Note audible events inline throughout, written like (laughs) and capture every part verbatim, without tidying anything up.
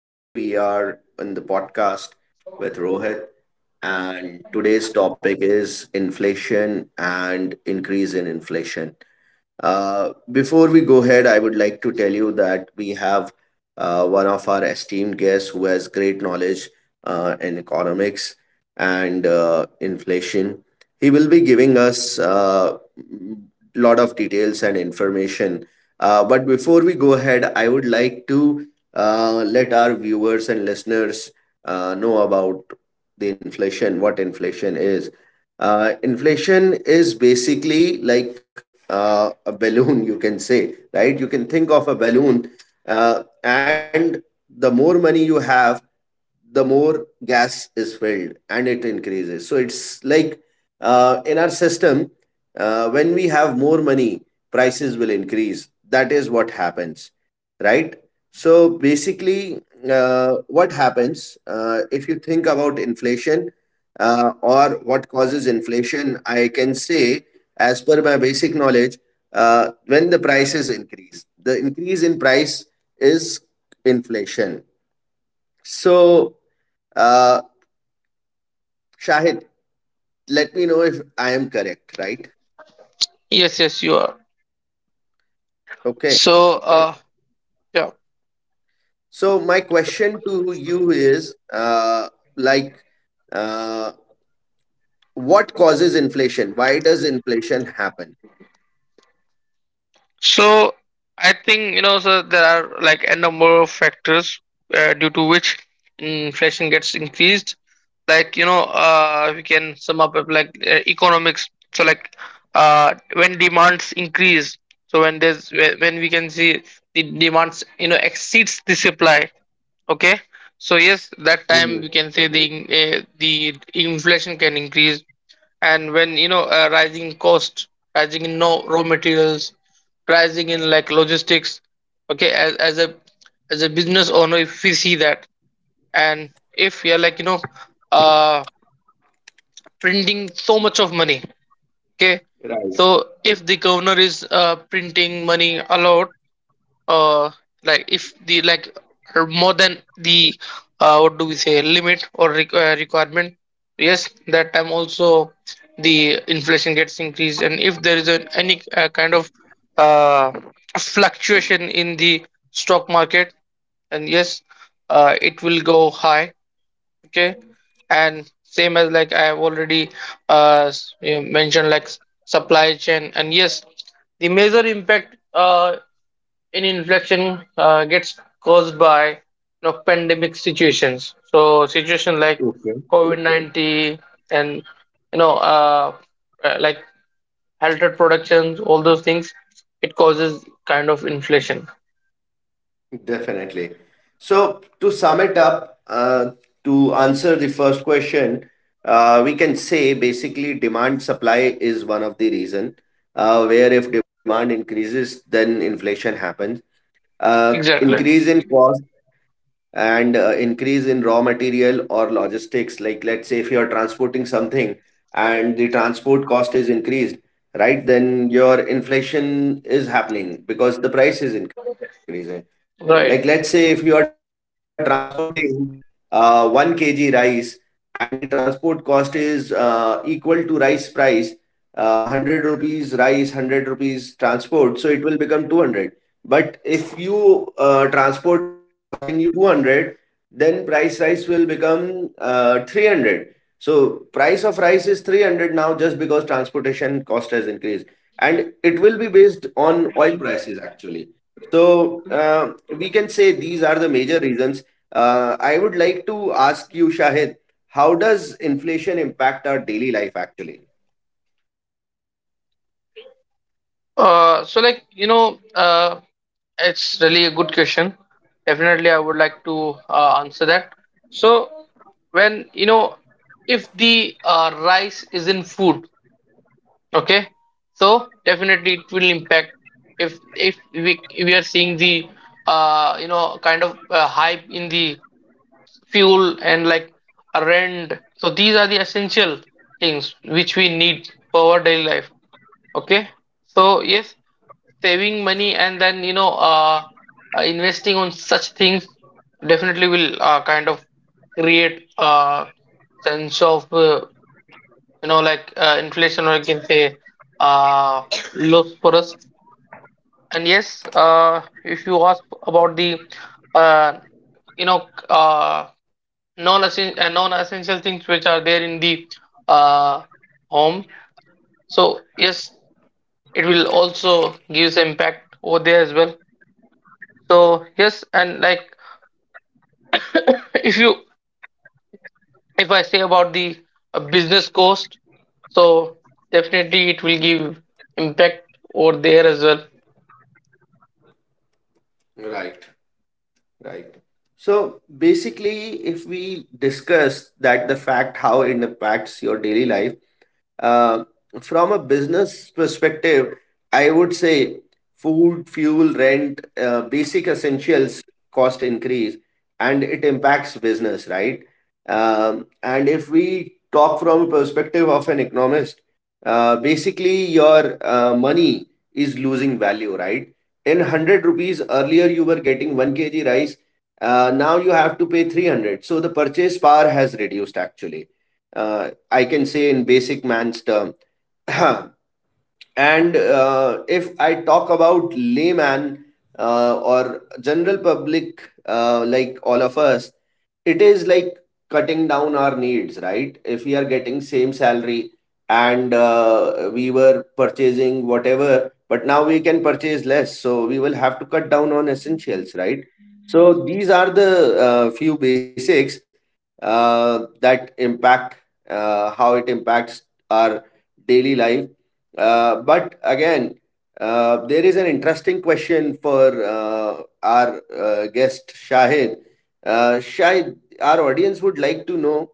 Today we are in the podcast with Rohit, and today's topic is inflation and increase in inflation. Uh, before we go ahead, I would like to tell you that we have uh, one of our esteemed guests who has great knowledge uh, in economics and uh, inflation. He will be giving us a lot of details and information. Uh, but before we go ahead, I would like to uh, let our viewers and listeners uh, know about the inflation, what inflation is uh, inflation is basically like uh, a balloon, you can say, right? You can think of a balloon, uh, and the more money you have, the more gas is filled and it increases. So it's like uh, in our system, uh, when we have more money, prices will increase. That is what happens, right? So basically, uh, what happens uh, if you think about inflation uh, or what causes inflation? I can say, as per my basic knowledge, uh, when the prices increase, the increase in price is inflation so, uh, Shahid, let me know if I am correct, right? Yes, yes, you are. Okay. So, uh, yeah. So, my question to you is uh, like, uh, what causes inflation? Why does inflation happen? So, I think you know, so there are like a number of factors uh, due to which mm, inflation gets increased. Like you know, uh, we can sum up with like uh, economics. So, like uh, when demands increase, so when there's when when we can see the demands, you know, exceeds the supply. Okay. So yes, that Mm. time we can say the in- uh, the inflation can increase, and when you know uh, rising cost, rising in, no, raw materials, rising in, like, logistics. Okay, as, as a as a business owner, if we see that, and if we are like you know uh printing so much of money. Okay, so if the governor is uh printing money a lot, uh like if the like uh, more than the uh what do we say limit or requ- uh, requirement. Yes, that time also the inflation gets increased, and if there is an, any uh, kind of uh fluctuation in the stock market, and yes, uh it will go high. Okay, and same as, like, I have already uh s- you mentioned, like, s- supply chain, and yes, the major impact, uh any inflection, uh, gets caused by you know pandemic situations, so situation like COVID nineteen, and you know uh, uh, like halted productions, all those things, it causes kind of inflation. Definitely. So, to sum it up, uh, to answer the first question, uh, we can say basically demand supply is one of the reason uh, where if demand increases, then inflation happens. Uh, exactly. Increase in cost and uh, increase in raw material or logistics, like let's say if you are transporting something and the transport cost is increased, right? Then your inflation is happening because the price is increasing. Like Right. let's say if you are transporting uh, one kilogram rice and the transport cost is uh, equal to rice price, uh, hundred rupees rice, hundred rupees transport, so it will become two hundred. But if you uh, transport is costing you two hundred, then price rice will become uh, three hundred. So price of rice is three hundred now just because transportation cost has increased, and it will be based on oil prices actually. So uh, we can say these are the major reasons. Uh, i would like to ask you, Shahid, how does inflation impact our daily life actually? Uh, so, like, you know uh, it's really a good question. Definitely I would like to uh, answer that. So, when you know, if the uh, rice is in food. Okay, so definitely it will impact if if we we are seeing the uh you know kind of uh, hype in the fuel, and like a rent, so these are the essential things which we need for our daily life. Okay, so yes, saving money, and then you know uh, uh investing on such things definitely will uh, kind of create a sense of uh, you know, like uh, inflation, or you can say uh, loss for us. And yes, uh, if you ask about the uh, you know uh, non-essential uh, non-essential things which are there in the uh, home, so yes, it will also give some impact over there as well. So yes, and like, if you if I say about the uh, business cost, so definitely it will give impact over there as well. Right, right. So basically, if we discuss that, the fact how it impacts your daily life, Uh, from a business perspective, I would say food, fuel, rent, uh, basic essentials cost increase, and it impacts business, right? Um, and if we talk from a perspective of an economist, uh, basically your uh, money is losing value, right? In hundred rupees earlier, you were getting one kilogram rice. Uh, now you have to pay three hundred. So the purchase power has reduced actually. Uh, I can say in basic man's term. (clears throat) And uh, if I talk about layman uh, or general public, uh, like all of us, it is like cutting down our needs, right? If we are getting same salary and uh, we were purchasing whatever, but now we can purchase less, so we will have to cut down on essentials, right? So these are the uh, few basics uh, that impact uh, how it impacts our daily life. Uh, but again, uh, there is an interesting question for uh, our uh, guest Shahid. Uh, Shahid, our audience would like to know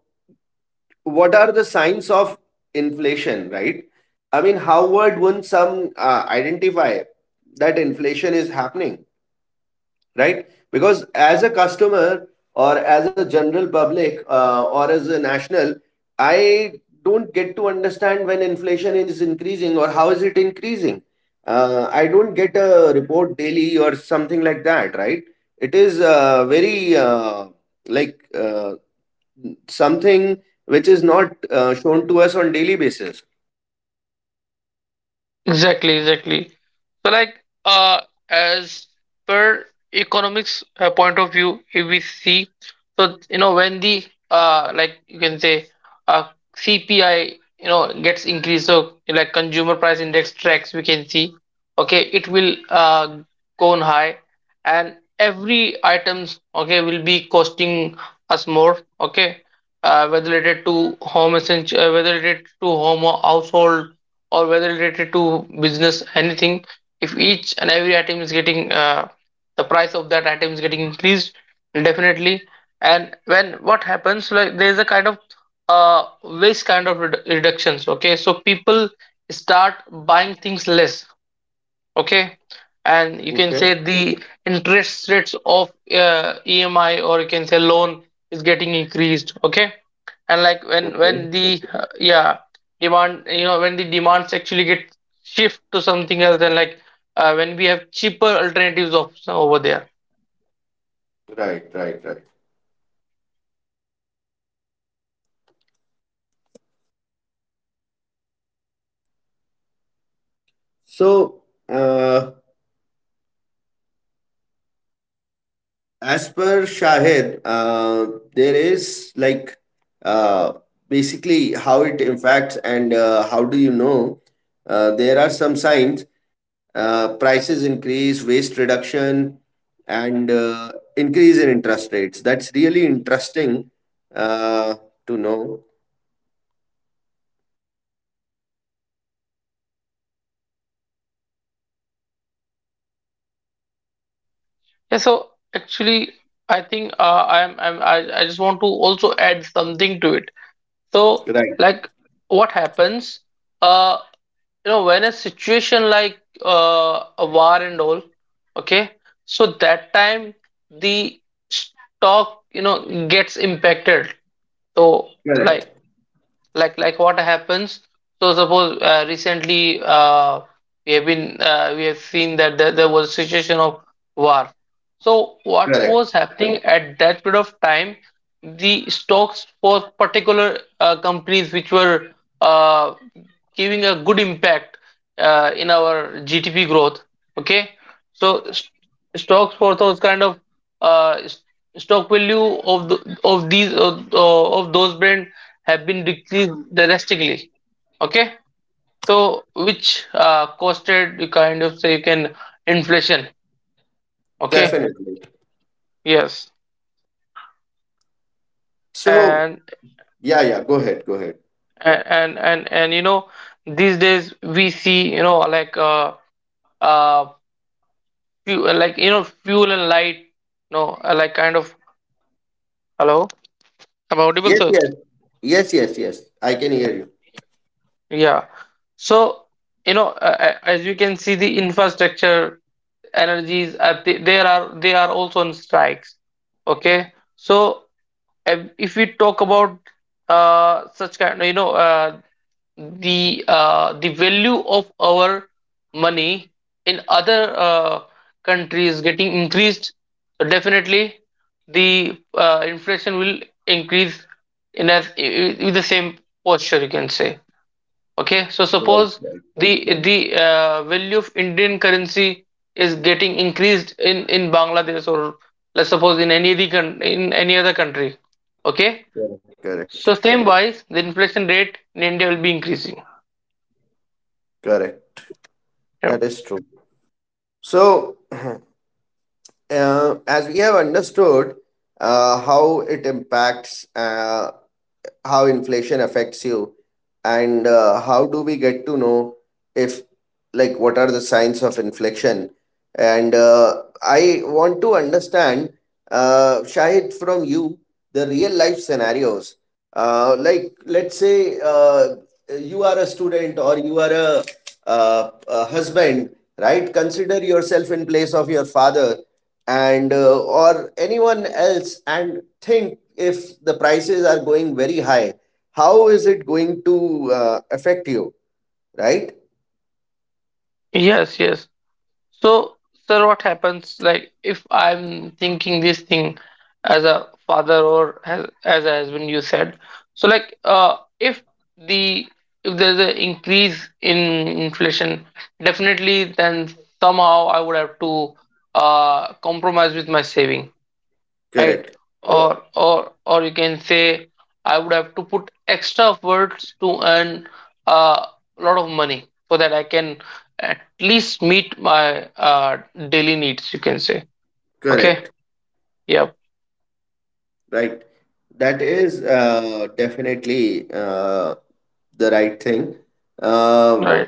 what are the signs of inflation, right? I mean, how would one some uh, identify that inflation is happening? Right? Because as a customer or as a general public, uh, or as a national, I don't get to understand when inflation is increasing or how is it increasing. Uh, I don't get a report daily or something like that, right? It is uh, very uh, like uh, something which is not uh, shown to us on daily basis. Exactly, exactly. So, like, uh, as per economics uh, point of view, if we see, so, you know, when the uh, like you can say, uh, C P I, you know, gets increased. So, like, consumer price index tracks, we can see, okay, it will uh go on high, and every items, okay, will be costing us more. Okay, uh, whether related to home essential, uh, whether related to home or household, or whether related to business, anything, if each and every item is getting uh, the price of that item is getting increased. Definitely, and when what happens, like, there is a kind of uh, waste, kind of redu- reductions. Okay, so people start buying things less. Okay, and you Okay. can say the interest rates of uh, E M I, or you can say loan, is getting increased. Okay, and like, when when the uh, yeah, demand, you know when the demands actually get shift to something else, then, like, uh, when we have cheaper alternatives of over there. Right, right, right. So, uh, as per Shahid, uh, there is like uh, basically how it impacts and uh, how do you know? Uh, there are some signs: uh, prices increase, waste reduction, and uh, increase in interest rates. That's really interesting uh, to know. Yeah, so actually I think uh, i'm, I'm I, I just want to also add something to it. So, Right, like, what happens, uh you know when a situation like uh, a war and all. Okay, so that time the stock, you know gets impacted, so like correct, like like what happens. So suppose uh, recently, uh, we have been uh, we have seen that there, there was a situation of war, so what correct, was happening at that period of time, the stocks for particular uh, companies which were uh, giving a good impact uh, in our G D P growth. Okay, so st- stocks for those kind of uh, s- stock value of the, of these uh, uh, of those brand have been decreased drastically. Okay, so which uh, costed, you kind of say, you can, inflation. Okay. definitely. Yes, So, and yeah, yeah, go ahead, go ahead. and and and, and you know these days we see, you know like, uh, uh, few, uh, like, you know fuel and light, no, uh, like, kind of, hello, am I audible, Yes, sir? yes, yes, yes, yes. I can hear you. Yeah, so, you know uh, uh, as you can see, the infrastructure energies, uh, they, they are they are also on strikes. Okay, so if if we talk about uh, such kind, you know uh, the uh, the value of our money in other uh, countries getting increased, definitely the uh, inflation will increase in, as with the same posture, you can say. Okay, so suppose Right, right, the the uh, value of Indian currency is getting increased in in Bangladesh, or let's suppose, in any other coun- in any other country. Okay, correct, correct, so same wise, the inflation rate in India will be increasing. correct. Yeah. That is true. So, (clears throat) uh, as we have understood uh, how it impacts, uh, how inflation affects you, and uh, how do we get to know if, like, what are the signs of inflation. And uh, i want to understand, uh, Shahid, from you, the real life scenarios. Uh, like let's say uh, you are a student or you are a, uh, a husband, right? Consider yourself in place of your father and uh, or anyone else, and think if the prices are going very high, how is it going to uh, affect you, right? Yes, yes. So, sir, what happens, like, if I'm thinking this thing as a father, or as, as a husband, you said. So, like, uh, if the if there's an increase in inflation, definitely then somehow I would have to uh compromise with my saving, right? Correct, Yeah, or or or you can say, I would have to put extra words to earn a lot of money, so that I can at least meet my uh, daily needs, you can say. Okay. correct. Yep. Right, that is uh, definitely uh, the right thing. Um, Right,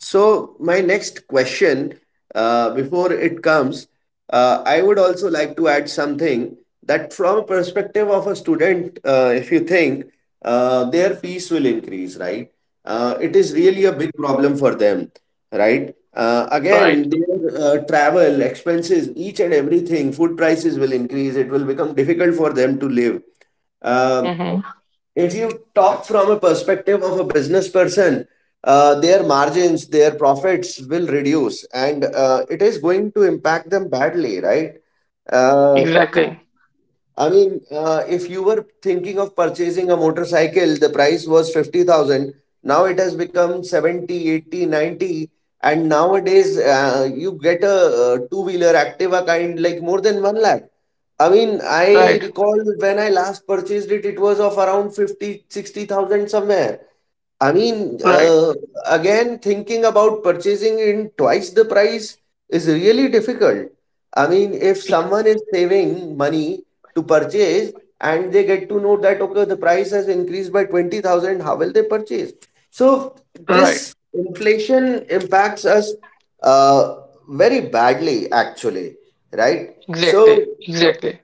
so, my next question, uh, before it comes, uh, I would also like to add something that from a perspective of a student, uh, if you think, uh, their fees will increase, right? Uh, it is really a big problem for them, right? Uh, right. again, their uh, travel expenses, each and everything, food prices will increase. It will become difficult for them to live. Uh, Mm-hmm. if you talk from a perspective of a business person, uh, their margins, their profits will reduce, and uh, it is going to impact them badly, right? Uh, Exactly. I mean, uh, if you were thinking of purchasing a motorcycle, the price was fifty thousand. Now it has become seventy, eighty, ninety, and nowadays, uh, you get a, uh two wheeler Activa kind, like more than one lakh. I mean, I Right, recall when I last purchased it, it was of around fifty, sixty thousand somewhere. I mean, right, uh, again, thinking about purchasing in twice the price is really difficult. I mean, if someone is saving money to purchase and they get to know that, okay, the price has increased by twenty thousand, how will they purchase? So, right. this inflation impacts us uh, very badly, actually, right? So, Exactly, uh, exactly.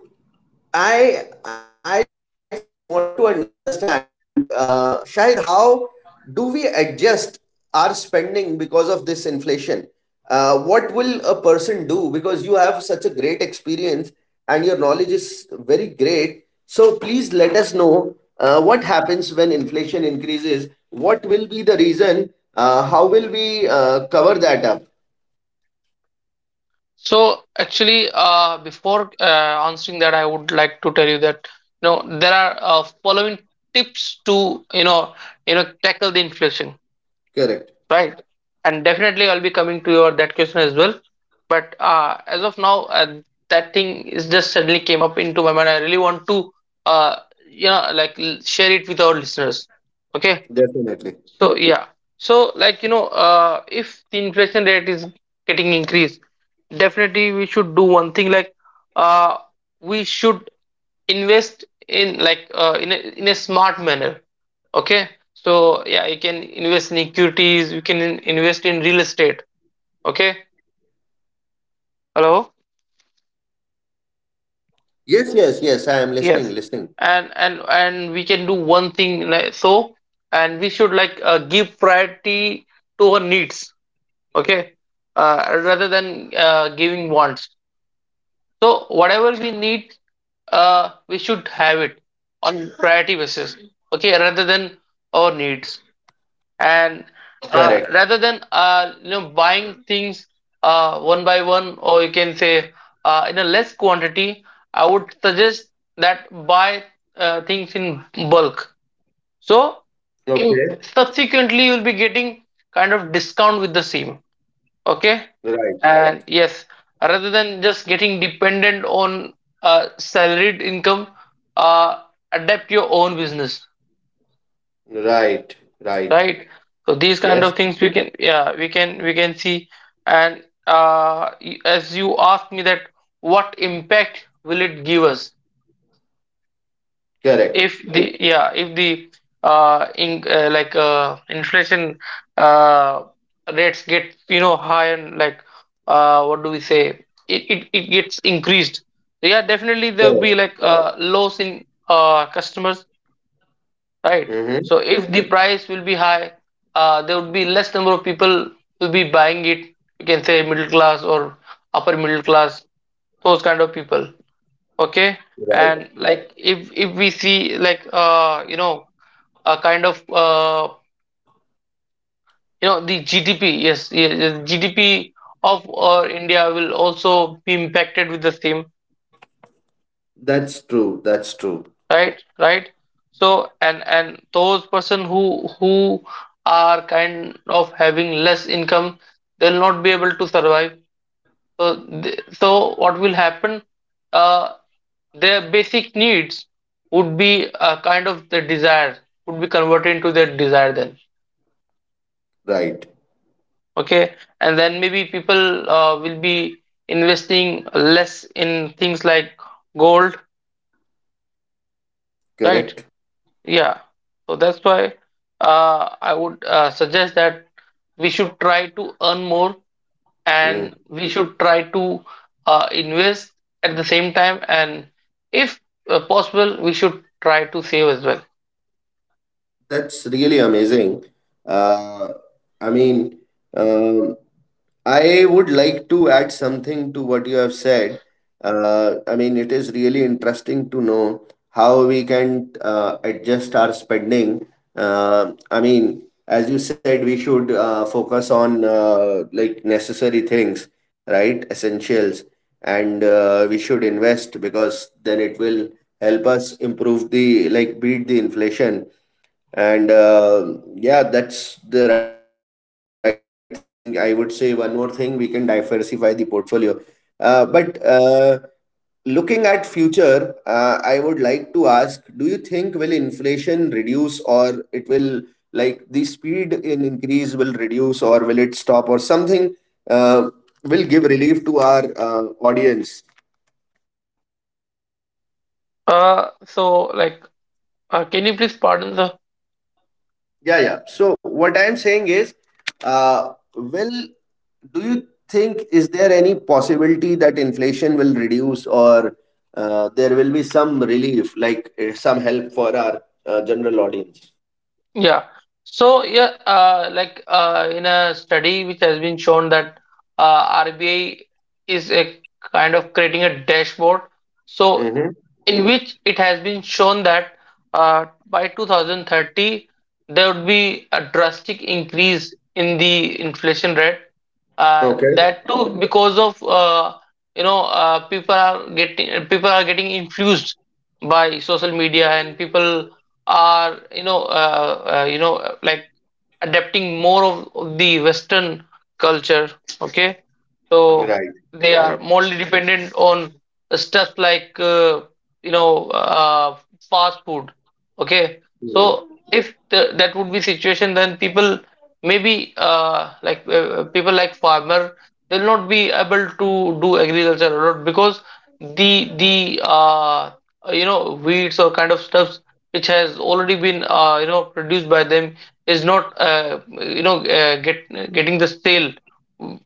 I I just want to understand, uh, Shahid, how do we adjust our spending because of this inflation? Uh, what will a person do? Because you have such a great experience and your knowledge is very great. So please let us know uh, what happens when inflation increases. What will be the reason? Uh, how will we uh, cover that up? So actually, uh, before uh, answering that, I would like to tell you that, you know there are uh, following tips to, you know you know tackle the inflation, right? Correct. And definitely, I'll be coming to your that question as well. But uh, as of now, uh, that thing is just suddenly came up into my mind. I really want to uh, you know like l- share it with our listeners. Okay, so yeah, Definitely. so like, you know, uh, if the inflation rate is getting increased, definitely we should do one thing, like, uh, we should invest in, like, uh, in a, in a smart manner. Okay, so yeah, you can invest in equities, you can in- invest in real estate. Okay, hello. Yes, yes, yes. I am listening, Yes, listening. and and and we can do one thing, like, so, and we should, like, uh, give priority to our needs. Okay, uh, rather than uh, giving wants. So whatever we need, uh, we should have it on priority basis. Okay, rather than our needs. And uh, rather than Correct. uh, you know buying things uh, one by one, or you can say uh, in a less quantity, I would suggest that, buy uh, things in bulk, so in, subsequently Okay. you'll be getting kind of discount with the same. Okay. And yes, Right, rather than just getting dependent on uh, salaried income, uh, adapt your own business, right? right, So these right. kind of things we can, yeah, Yes, we can we can see. And uh, y- as you asked me that, what impact will it give us? if the yeah correct, if the uh, in, uh like uh, inflation uh, rates get, you know high, and like, uh, what do we say, it, it, it gets increased. Yeah, definitely there will be, like, uh, correct. loss in uh, customers, right? So if the Mm-hmm. price will be high, uh, there would be less number of people will be buying it. You can say middle class or upper middle class, those kind of people. Okay, and, like, Right. if if we see, like, uh you know a kind of, uh, you know the G D P. Yes, yes, yes, G D P of uh, India will also be impacted with the same. That's true. That's Right, true. right. So, and and those person who who are kind of having less income, they'll not be able to survive. So, th- so what will happen? Uh, their basic needs would be a kind of the desire, would be converted into their desire then. Right, Okay, and then maybe people uh, will be investing less in things like gold, right? correct. Yeah, so that's why uh, I would uh, suggest that we should try to earn more, and Mm. we should try to uh, invest at the same time, and if uh, possible, we should try to save as well. That's really amazing. Uh, I mean, um, I would like to add something to what you have said. Uh, I mean, it is really interesting to know how we can uh, adjust our spending. Uh, I mean, as you said, we should uh, focus on, uh, like, necessary things, right? Essentials, and uh, we should invest because then it will help us improve the, like, beat the inflation. And uh, yeah, that's the right thing. I would say one more thing: we can diversify the portfolio. Uh, but uh, looking at future, uh, i would like to ask, do you think will inflation reduce, or it will, like, the speed in increase will reduce, or will it stop or something, uh, will give relief to our uh, audience? Uh, so, like, uh, can you please pardon the Yeah, yeah. So what I'm saying is, uh, will, do you think is there any possibility that inflation will reduce, or uh, there will be some relief, like uh, some help for our uh, general audience? Yeah. So yeah, uh, like uh, in a study which has been shown that uh, R B I is a kind of creating a dashboard. So Mm-hmm. in which it has been shown that uh, by two thousand thirty there would be a drastic increase in the inflation rate. Uh, Okay. That too because of uh, you know uh, people are getting people are getting influenced by social media, and people are you know uh, uh, you know uh, like adapting more of the Western culture. Okay, so Right. they are Right. more dependent on stuff like, uh, you know uh, fast food. Okay, Mhm. so if the, that would be situation, then people maybe uh, like uh, people like farmer they'll not be able to do agriculture a lot because the the uh, you know weeds or kind of stuffs which has already been uh, you know produced by them is not uh, you know uh, get getting the sale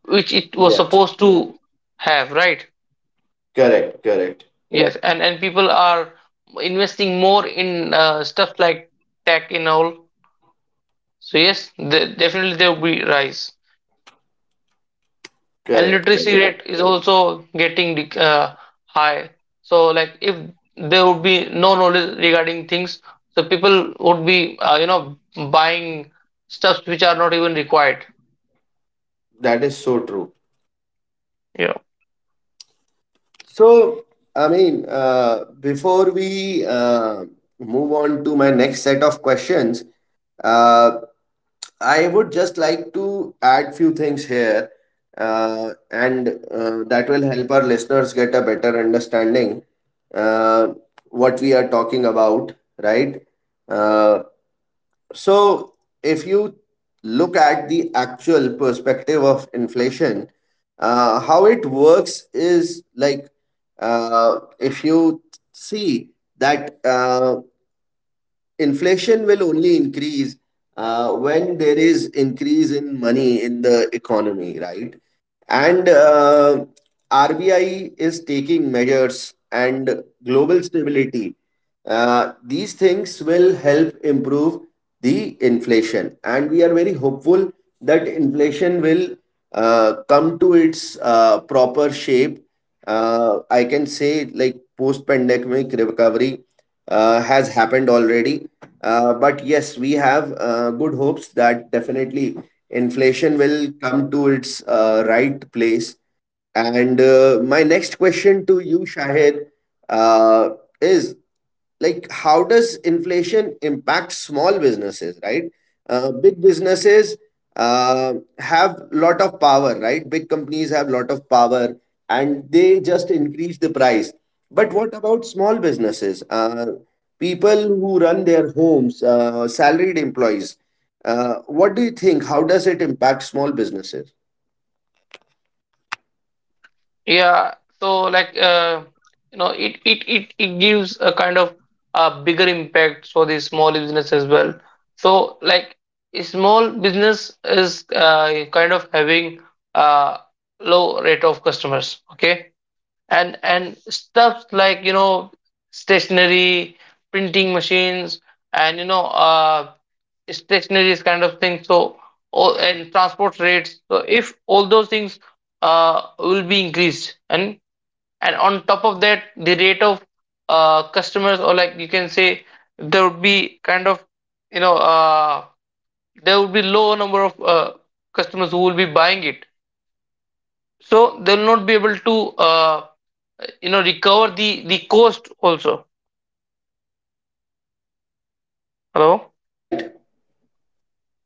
which it was Yes. supposed to have, right? Correct. Correct. Yes. Yes, and and people are investing more in uh, stuff like tech and all. So yes, the, definitely there will be rise, and Correct. literacy Correct. rate is also getting dec- uh, high. So like if there would be no knowledge regarding things, so people would be uh, you know buying stuffs which are not even required. That is so true. So, I mean, uh, before we uh, move on to my next set of questions, uh, I would just like to add few things here, uh, and uh, that will help our listeners get a better understanding uh, what we are talking about, right? Uh, so, if you look at the actual perspective of inflation, uh, how it works is like, uh, if you see that uh, inflation will only increase uh, when there is increase in money in the economy, right? And uh, RBI is taking measures, and global stability, uh, these things will help improve the inflation, and we are very hopeful that inflation will uh, come to its uh, proper shape. Uh, i can say, like, post pandemic recovery uh, has happened already. Uh, but yes, we have uh, good hopes that definitely inflation will come to its uh, right place. And uh, my next question to you, Shahid, uh, is like, how does inflation impact small businesses, right? Uh, big businesses uh, have lot of power, right? Big companies have lot of power and they just increase the price, but what about small businesses, uh, people who run their homes, uh, salaried employees. Uh, what do you think? How does it impact small businesses? Yeah, so like uh, you know, it it it it gives a kind of a bigger impact for the small business as well. So like a small business is uh, kind of having a low rate of customers, okay? And and stuff like you know stationery, printing machines, and you know uh stationery is kind of thing. So all and transport rates. So if all those things uh will be increased, and and on top of that the rate of uh, customers, or like you can say there would be kind of you know uh, there would be low number of uh, customers who will be buying it, so they will not be able to uh, you know recover the the cost also. Hello? Right,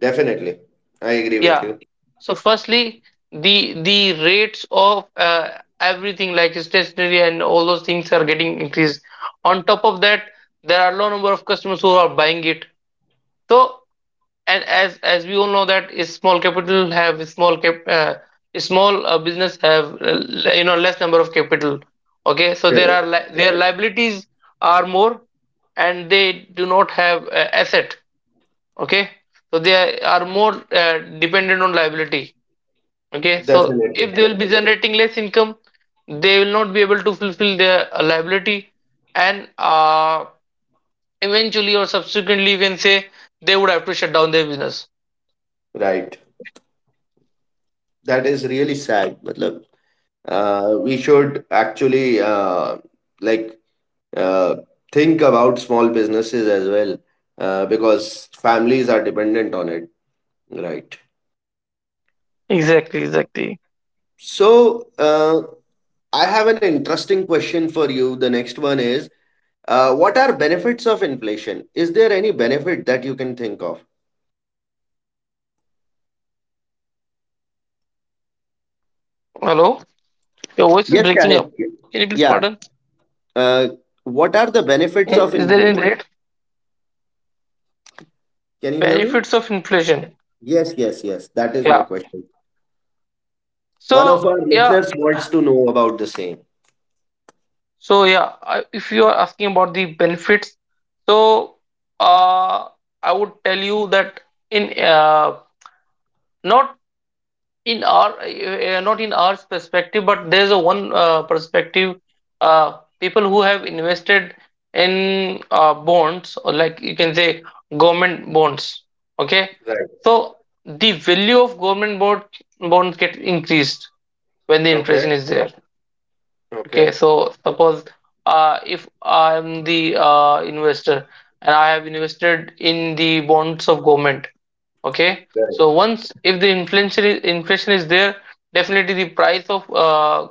definitely. I agree with Yeah, you. so firstly the the rates of uh, everything like stationery and all those things are getting increased. On top of that there are low number of customers who are buying it. So, and as as we all know that is small capital have small cap uh, small uh, business have uh, l- you know less number of capital. Okay, so there Correct. are li- their liabilities are more, and they do not have uh, asset. Okay, so they are more uh, dependent on liability. Okay, so Definitely. if they will be generating less income, they will not be able to fulfill their uh, liability, and uh, eventually or subsequently you can say they would have to shut down their business. Right. That is really sad. Matlab, uh, we should actually uh, like uh, think about small businesses as well, uh, because families are dependent on it. Right. Exactly, exactly. So uh, I have an interesting question for you. The next one is. Uh, what are benefits of inflation? Is there any benefit that you can think of? Hello, your voice is breaking Yes, up. Shahid. Can you please pardon? Yeah. Uh, what are the I- benefits of Is there any inflation? rate Can you hear me? benefits of inflation? Yes, yes, yes. That is Yeah. my question. One of So our yeah, listeners wants to know about the same. so yeah. I- If you are asking about the benefits, so uh, I would tell you that in uh, not in our uh, not in our perspective, but there's a one uh, perspective. Uh, people who have invested in uh, bonds, or like you can say government bonds. Okay, Right. so the value of government bond bonds get increased when the Okay. inflation is there. Okay. Okay, so suppose uh, if I am the uh, investor, and I have invested in the bonds of government. Okay, so once if the inflation is, inflation is there, definitely the price of uh,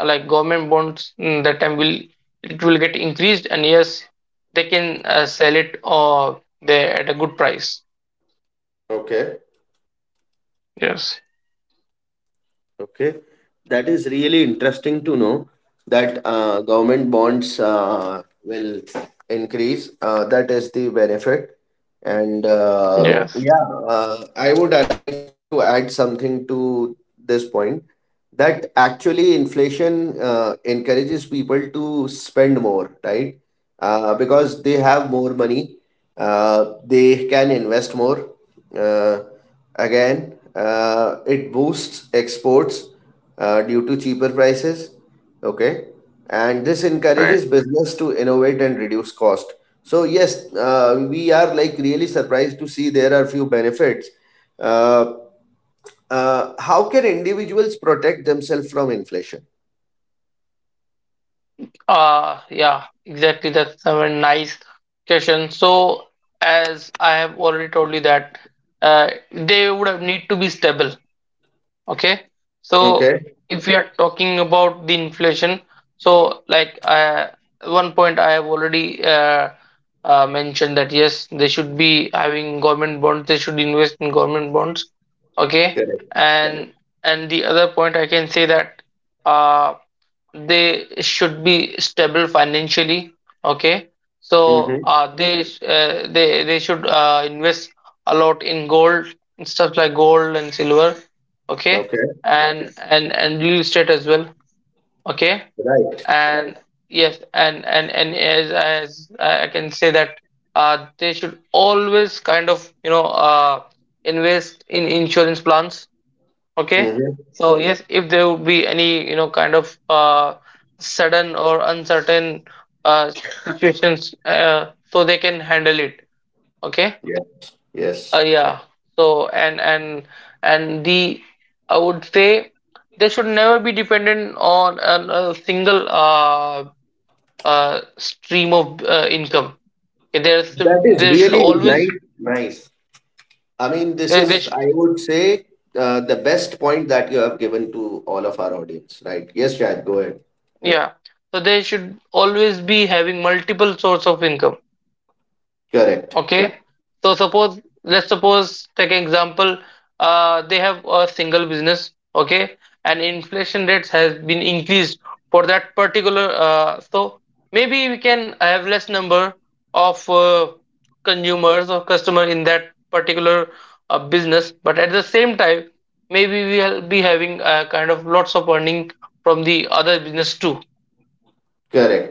like government bonds, mm, that time will it will get increased, and yes, they can uh, sell it, uh, they at a good price. Okay. Yes, Okay, that is really interesting to know that uh, government bonds uh, will increase. Uh, that is the benefit. And uh, yes, yeah, uh, I would uh, like to add something to this point, that actually inflation uh, encourages people to spend more, right? Uh, because they have more money, uh, they can invest more. Uh, Again, uh, it boosts exports uh, due to cheaper prices. Okay, and this right. encourages business to innovate and reduce cost. So yes, uh, we are like really surprised to see there are few benefits. Uh, uh, how can individuals protect themselves from inflation? uh yeah exactly, that's a very nice question. So as I have already told you that uh, they would have need to be stable. Okay, so Okay, if we are talking about the inflation, so like uh, one point I have already uh, uh, mentioned that yes, they should be having government bonds. They should invest in government bonds. Okay, correct. and and the other point I can say that uh, they should be stable financially. Okay, so Mm-hmm. uh, they sh- uh, they they should uh, invest a lot in gold, and stuff like gold and silver. Okay, Okay, and and and real estate as well. Okay, right. and yes, and and and as as I can say that uh, they should always kind of you know uh, invest in insurance plans. Okay, Mm-hmm. so yes, if there would be any, you know, kind of uh, sudden or uncertain uh, situations, uh, so they can handle it. Okay, Yeah. Yes. uh, yeah. So, and and and the I would say they should never be dependent on an- a single uh, uh, stream of uh, income. Okay, there That should is there should really always. nice. Nice. I mean, this They, they is, should. I would say, uh, the best point that you have given to all of our audience, right? Yes, Shahid, go ahead. Yeah. So they should always be having multiple source of income. Correct. Okay. So suppose, let's suppose, take an example. Uh, they have a single business. Okay, and inflation rates has been increased for that particular. Uh, so maybe we can have less number of uh, consumers or customer in that particular uh, business, but at the same time, maybe we will be having a kind of lots of earning from the other business too. Correct.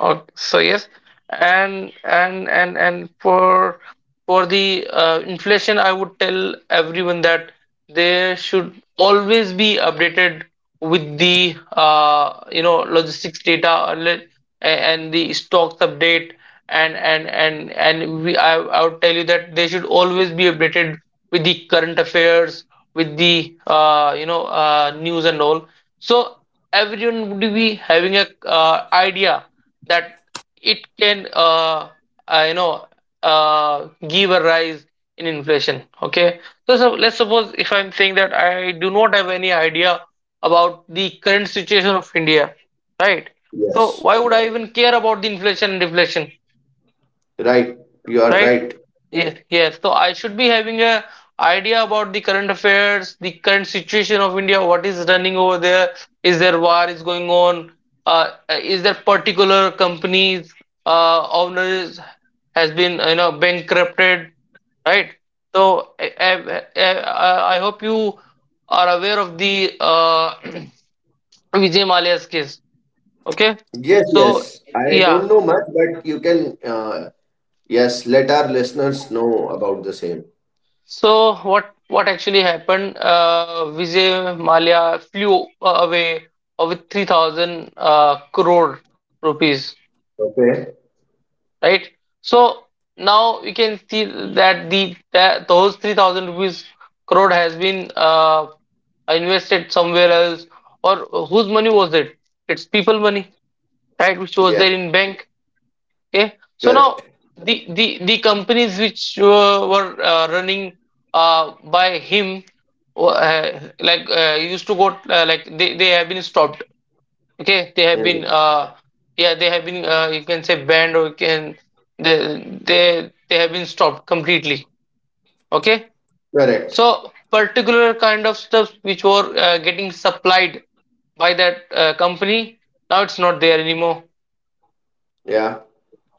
Oh, so yes, and and and and for for the uh, inflation, I would tell everyone that they should always be updated with the uh, you know logistics data, and le- a- and the stocks update. And and and and we I, I would tell you that they should always be updated with the current affairs, with the uh, you know uh, news and all. So everyone would be having a uh, idea that it can uh, uh, you know uh, give a rise in inflation. Okay, so, so let's suppose if I'm saying that I do not have any idea about the current situation of India, right? So Yes. why would I even care about the inflation and deflation, Right. You are right? right. Yes, yes. So I should be having a idea about the current affairs, the current situation of India. What is running over there? Is there war is going on? Uh, is there particular companies, uh, owners has been you know bankrupted, right? So I, I, I, I hope you are aware of the uh, (clears throat) Vijay Malia's case. Okay, Yes, yes. so I yeah. don't know much, but you can, uh, yes, let our listeners know about the same. So what what actually happened? Uh, Vijay Malia flew uh, away uh, with three thousand uh, crore rupees, Okay. right? So now we can see that the that those three thousand rupees crore has been uh, invested somewhere else, or whose money was it? It's people money, right? Which was Yeah. there in bank. Okay, so Correct. now the the the companies which uh, were uh, running uh, by him, uh, like uh, used to go uh, like they they have been stopped. Okay, they have been Mm, uh, yeah they have been, uh, you can say, banned, or you can they they they have been stopped completely. Okay, correct. so particular kind of stuff which were uh, getting supplied by that uh, company, now it's not there anymore. Yeah.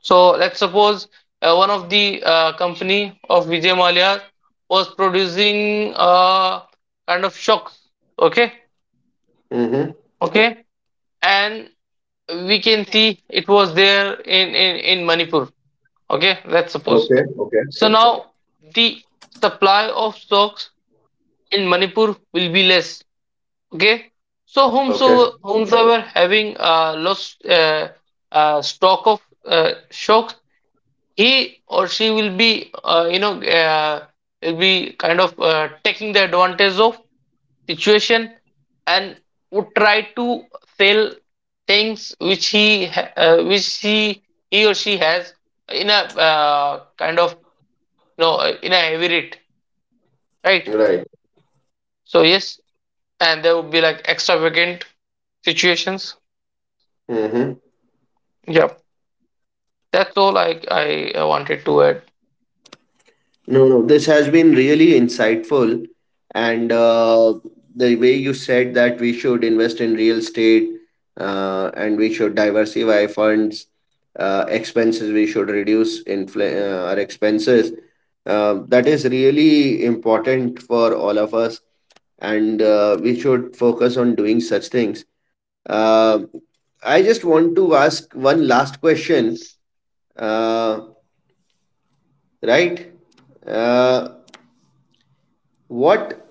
So let's suppose uh, one of the uh, company of Vijay Malia was producing uh, kind of shocks. Okay, Mm-hmm. okay, and we can see it was there in in in Manipur. Okay, let's Okay. suppose. Okay. So now the supply of stocks in Manipur will be less. Okay, so Okay. whomso whomsoever having uh, lost uh, uh, stock of uh, shocks, he or she will be uh, you know uh, will be kind of uh, taking the advantage of situation, and would try to sell things which he ha- uh, which he he or she has in a uh, kind of you know uh, in a heavy rate, right? Right. So yes, and there would be like extravagant situations. Mm-hmm. Yeah, that's all i i uh, wanted to add. No, no, this has been really insightful. And uh, the way you said that we should invest in real estate uh, and we should diversify funds, uh, expenses, we should reduce infl- uh, our expenses. Uh, that is really important for all of us. And uh, we should focus on doing such things. Uh, I just want to ask one last question. Uh, right? Uh, what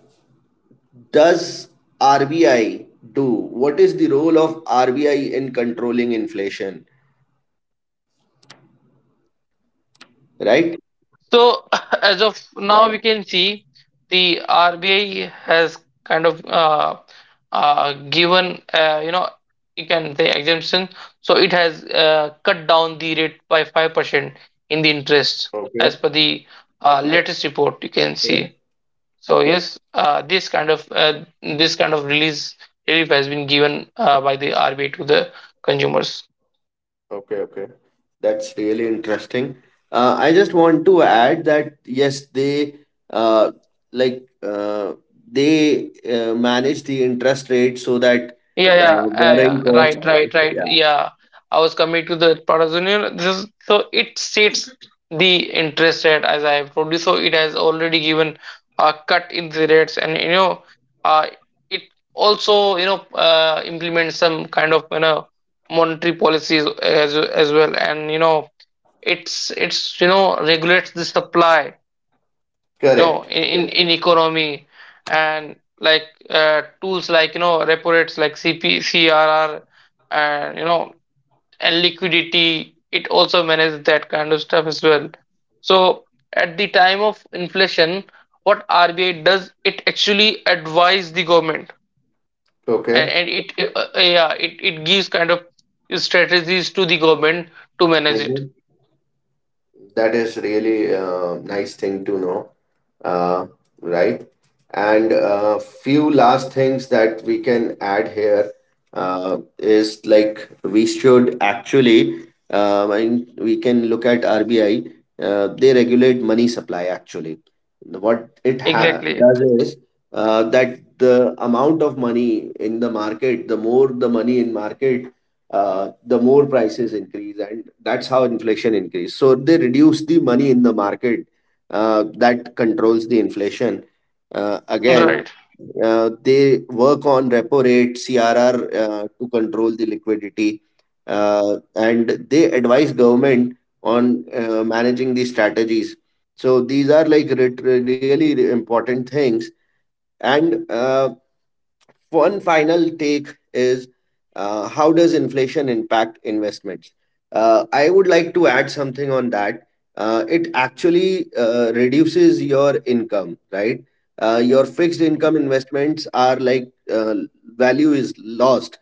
does R B I do? What is the role of R B I in controlling inflation? So Right? (laughs) as of now, we can see the R B I has kind of uh, uh, given, uh, you know you can say, exemption. So it has uh, cut down the rate by five percent in the interest as per Okay. the uh, latest report you can see. Okay. So yes, uh, this kind of uh, this kind of release relief has been given uh, by the R B I to the consumers. Okay. Okay. That's really interesting. Uh, I just want to add that yes, they uh, like uh, they uh, manage the interest rate so that Yeah, yeah, uh, yeah, borrowing yeah. cost. Right, right, right. Yeah. Yeah, I was coming to the product junior. This is, so it states the interest rate as I have told you. So it has already given a cut in the rates, and you know, uh, it also you know uh, implements some kind of you know monetary policies as as well, and you know, it's it's you know regulates the supply you know Correct. in, in in economy, and like uh, tools like you know repo rates like C P C R R, and you know and liquidity, it also manages that kind of stuff as well. So at the time of inflation, what rba does, it actually advise the government, and, Okay. and it uh, uh, yeah it, it gives kind of strategies to the government to manage it. That is really a nice thing to know, uh, right? And a few last things that we can add here uh, is like we should actually, uh, and we can look at R B I. Uh, they regulate money supply actually. What it ha Exactly. does is uh, that the amount of money in the market, the more the money in market, uh, the more prices increase, and that's how inflation increase, so they reduce the money in the market, uh, that controls the inflation. Uh, again, Right, uh, they work on repo rate, crr, uh, to control the liquidity, uh, and they advise government on uh, managing these strategies. So these are like re- really important things. And uh, one final take is, uh, how does inflation impact investments? Uh, I would like to add something on that. Uh, it actually uh, reduces your income, right? Uh, your fixed income investments are like, uh, value is lost.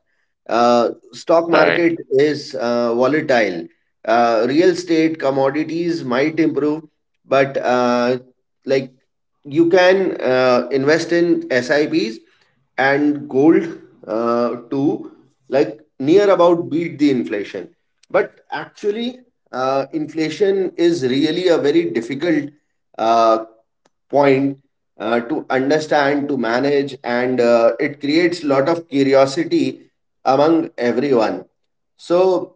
Uh, stock right. market is uh, volatile. Uh, real estate commodities might improve, but uh, like you can uh, invest in S I Ps and gold uh, to like near about beat the inflation, but actually uh, inflation is really a very difficult uh, point uh, to understand, to manage, and uh, it creates a lot of curiosity among everyone. So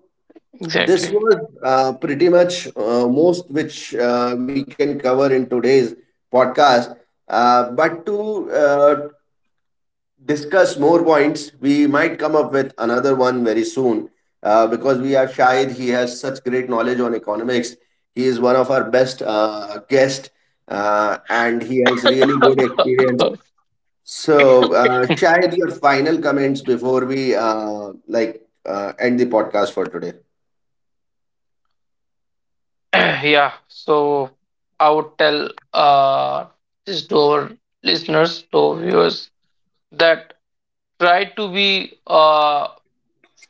this Exactly. was uh, pretty much uh, most which uh, we can cover in today's podcast. Uh, but to uh, discuss more points, we might come up with another one very soon, uh, because we have Shahid. He has such great knowledge on economics. He is one of our best uh, guests, uh, and he has really good Uh, experience. So, uh, Shahid, your final comments before we uh, like uh, end the podcast for today. (clears throat) yeah, so I would tell uh, this to our listeners, to our viewers, that try to be uh,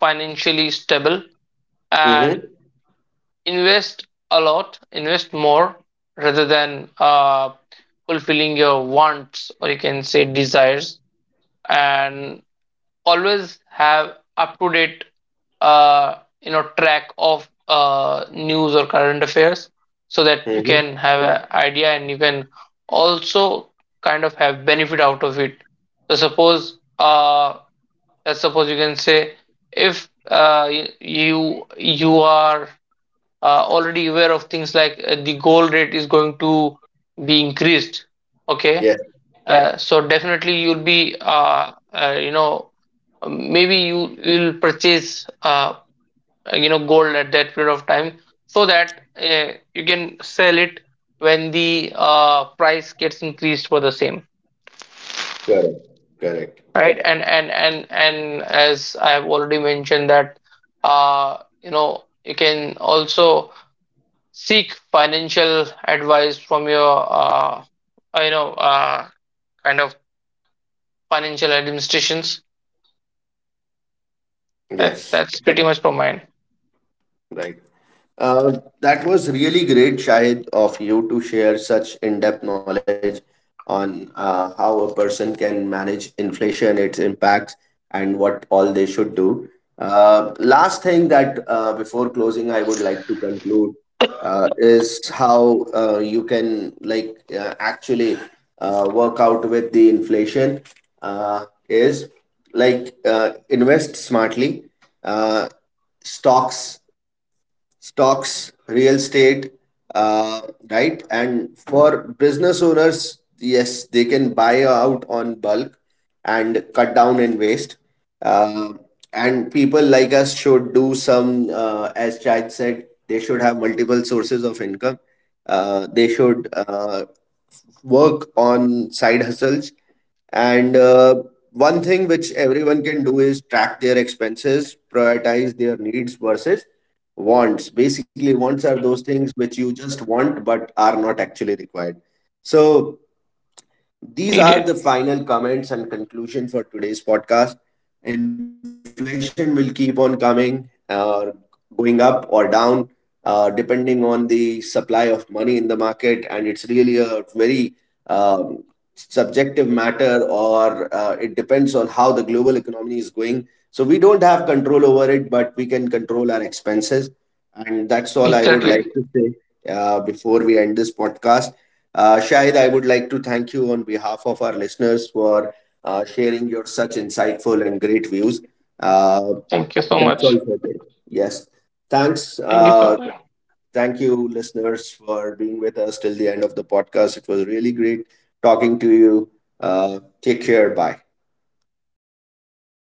financially stable, Mm-hmm. and invest a lot, invest more rather than uh, fulfilling your wants, or you can say desires, and always have up to date uh, you know track of uh, news or current affairs, so that you can Mm-hmm. have an idea and you can also kind of have benefit out of it. So suppose uh, let's suppose, you can say, if uh, y- you you are uh, already aware of things like uh, the gold rate is going to be increased. Okay, Yes, uh, so definitely you'll be, uh, uh, you know maybe you will purchase, uh, uh, you know gold at that period of time, so that uh, you can sell it when the uh, price gets increased for the same, correct. Correct. right? And and and and as I have already mentioned that uh, you know you can also seek financial advice from your uh, uh, you know uh, kind of financial administrations. that Yes. That's pretty much for mine. Right. Uh, that was really great, Shahid, of you to share such in depth knowledge on uh, how a person can manage inflation, its impacts, and what all they should do. Uh, last thing that uh, before closing, I would like to conclude uh, is how uh, you can like uh, actually uh, work out with the inflation uh, is like uh, invest smartly. Uh, stocks Stocks, real estate, uh, right? And for business owners, yes, they can buy out on bulk and cut down in waste. Uh, and people like us should do some, uh, as Chad said, they should have multiple sources of income. Uh, they should uh, work on side hustles, and uh, one thing which everyone can do is track their expenses, prioritize their needs versus wants. Basically wants are those things which you just want but are not actually required. So Needed. these are the final comments and conclusion for today's podcast. Inflation will keep on coming, uh, going up or down, uh, depending on the supply of money in the market, and it's really a very um, subjective matter, or uh, it depends on how the global economy is going. So we don't have control over it, but we can control our expenses, and that's all I Exactly. would like to say uh, before we end this podcast. Uh, Shahid, I would like to thank you on behalf of our listeners for uh, sharing your such insightful and great views. Uh, Thank you so That's much. all for today. Yes. Thanks. Thank you so Uh, much. thank you, listeners, for being with us till the end of the podcast. It was really great talking to you. Uh, take care. Bye. Thank you so much.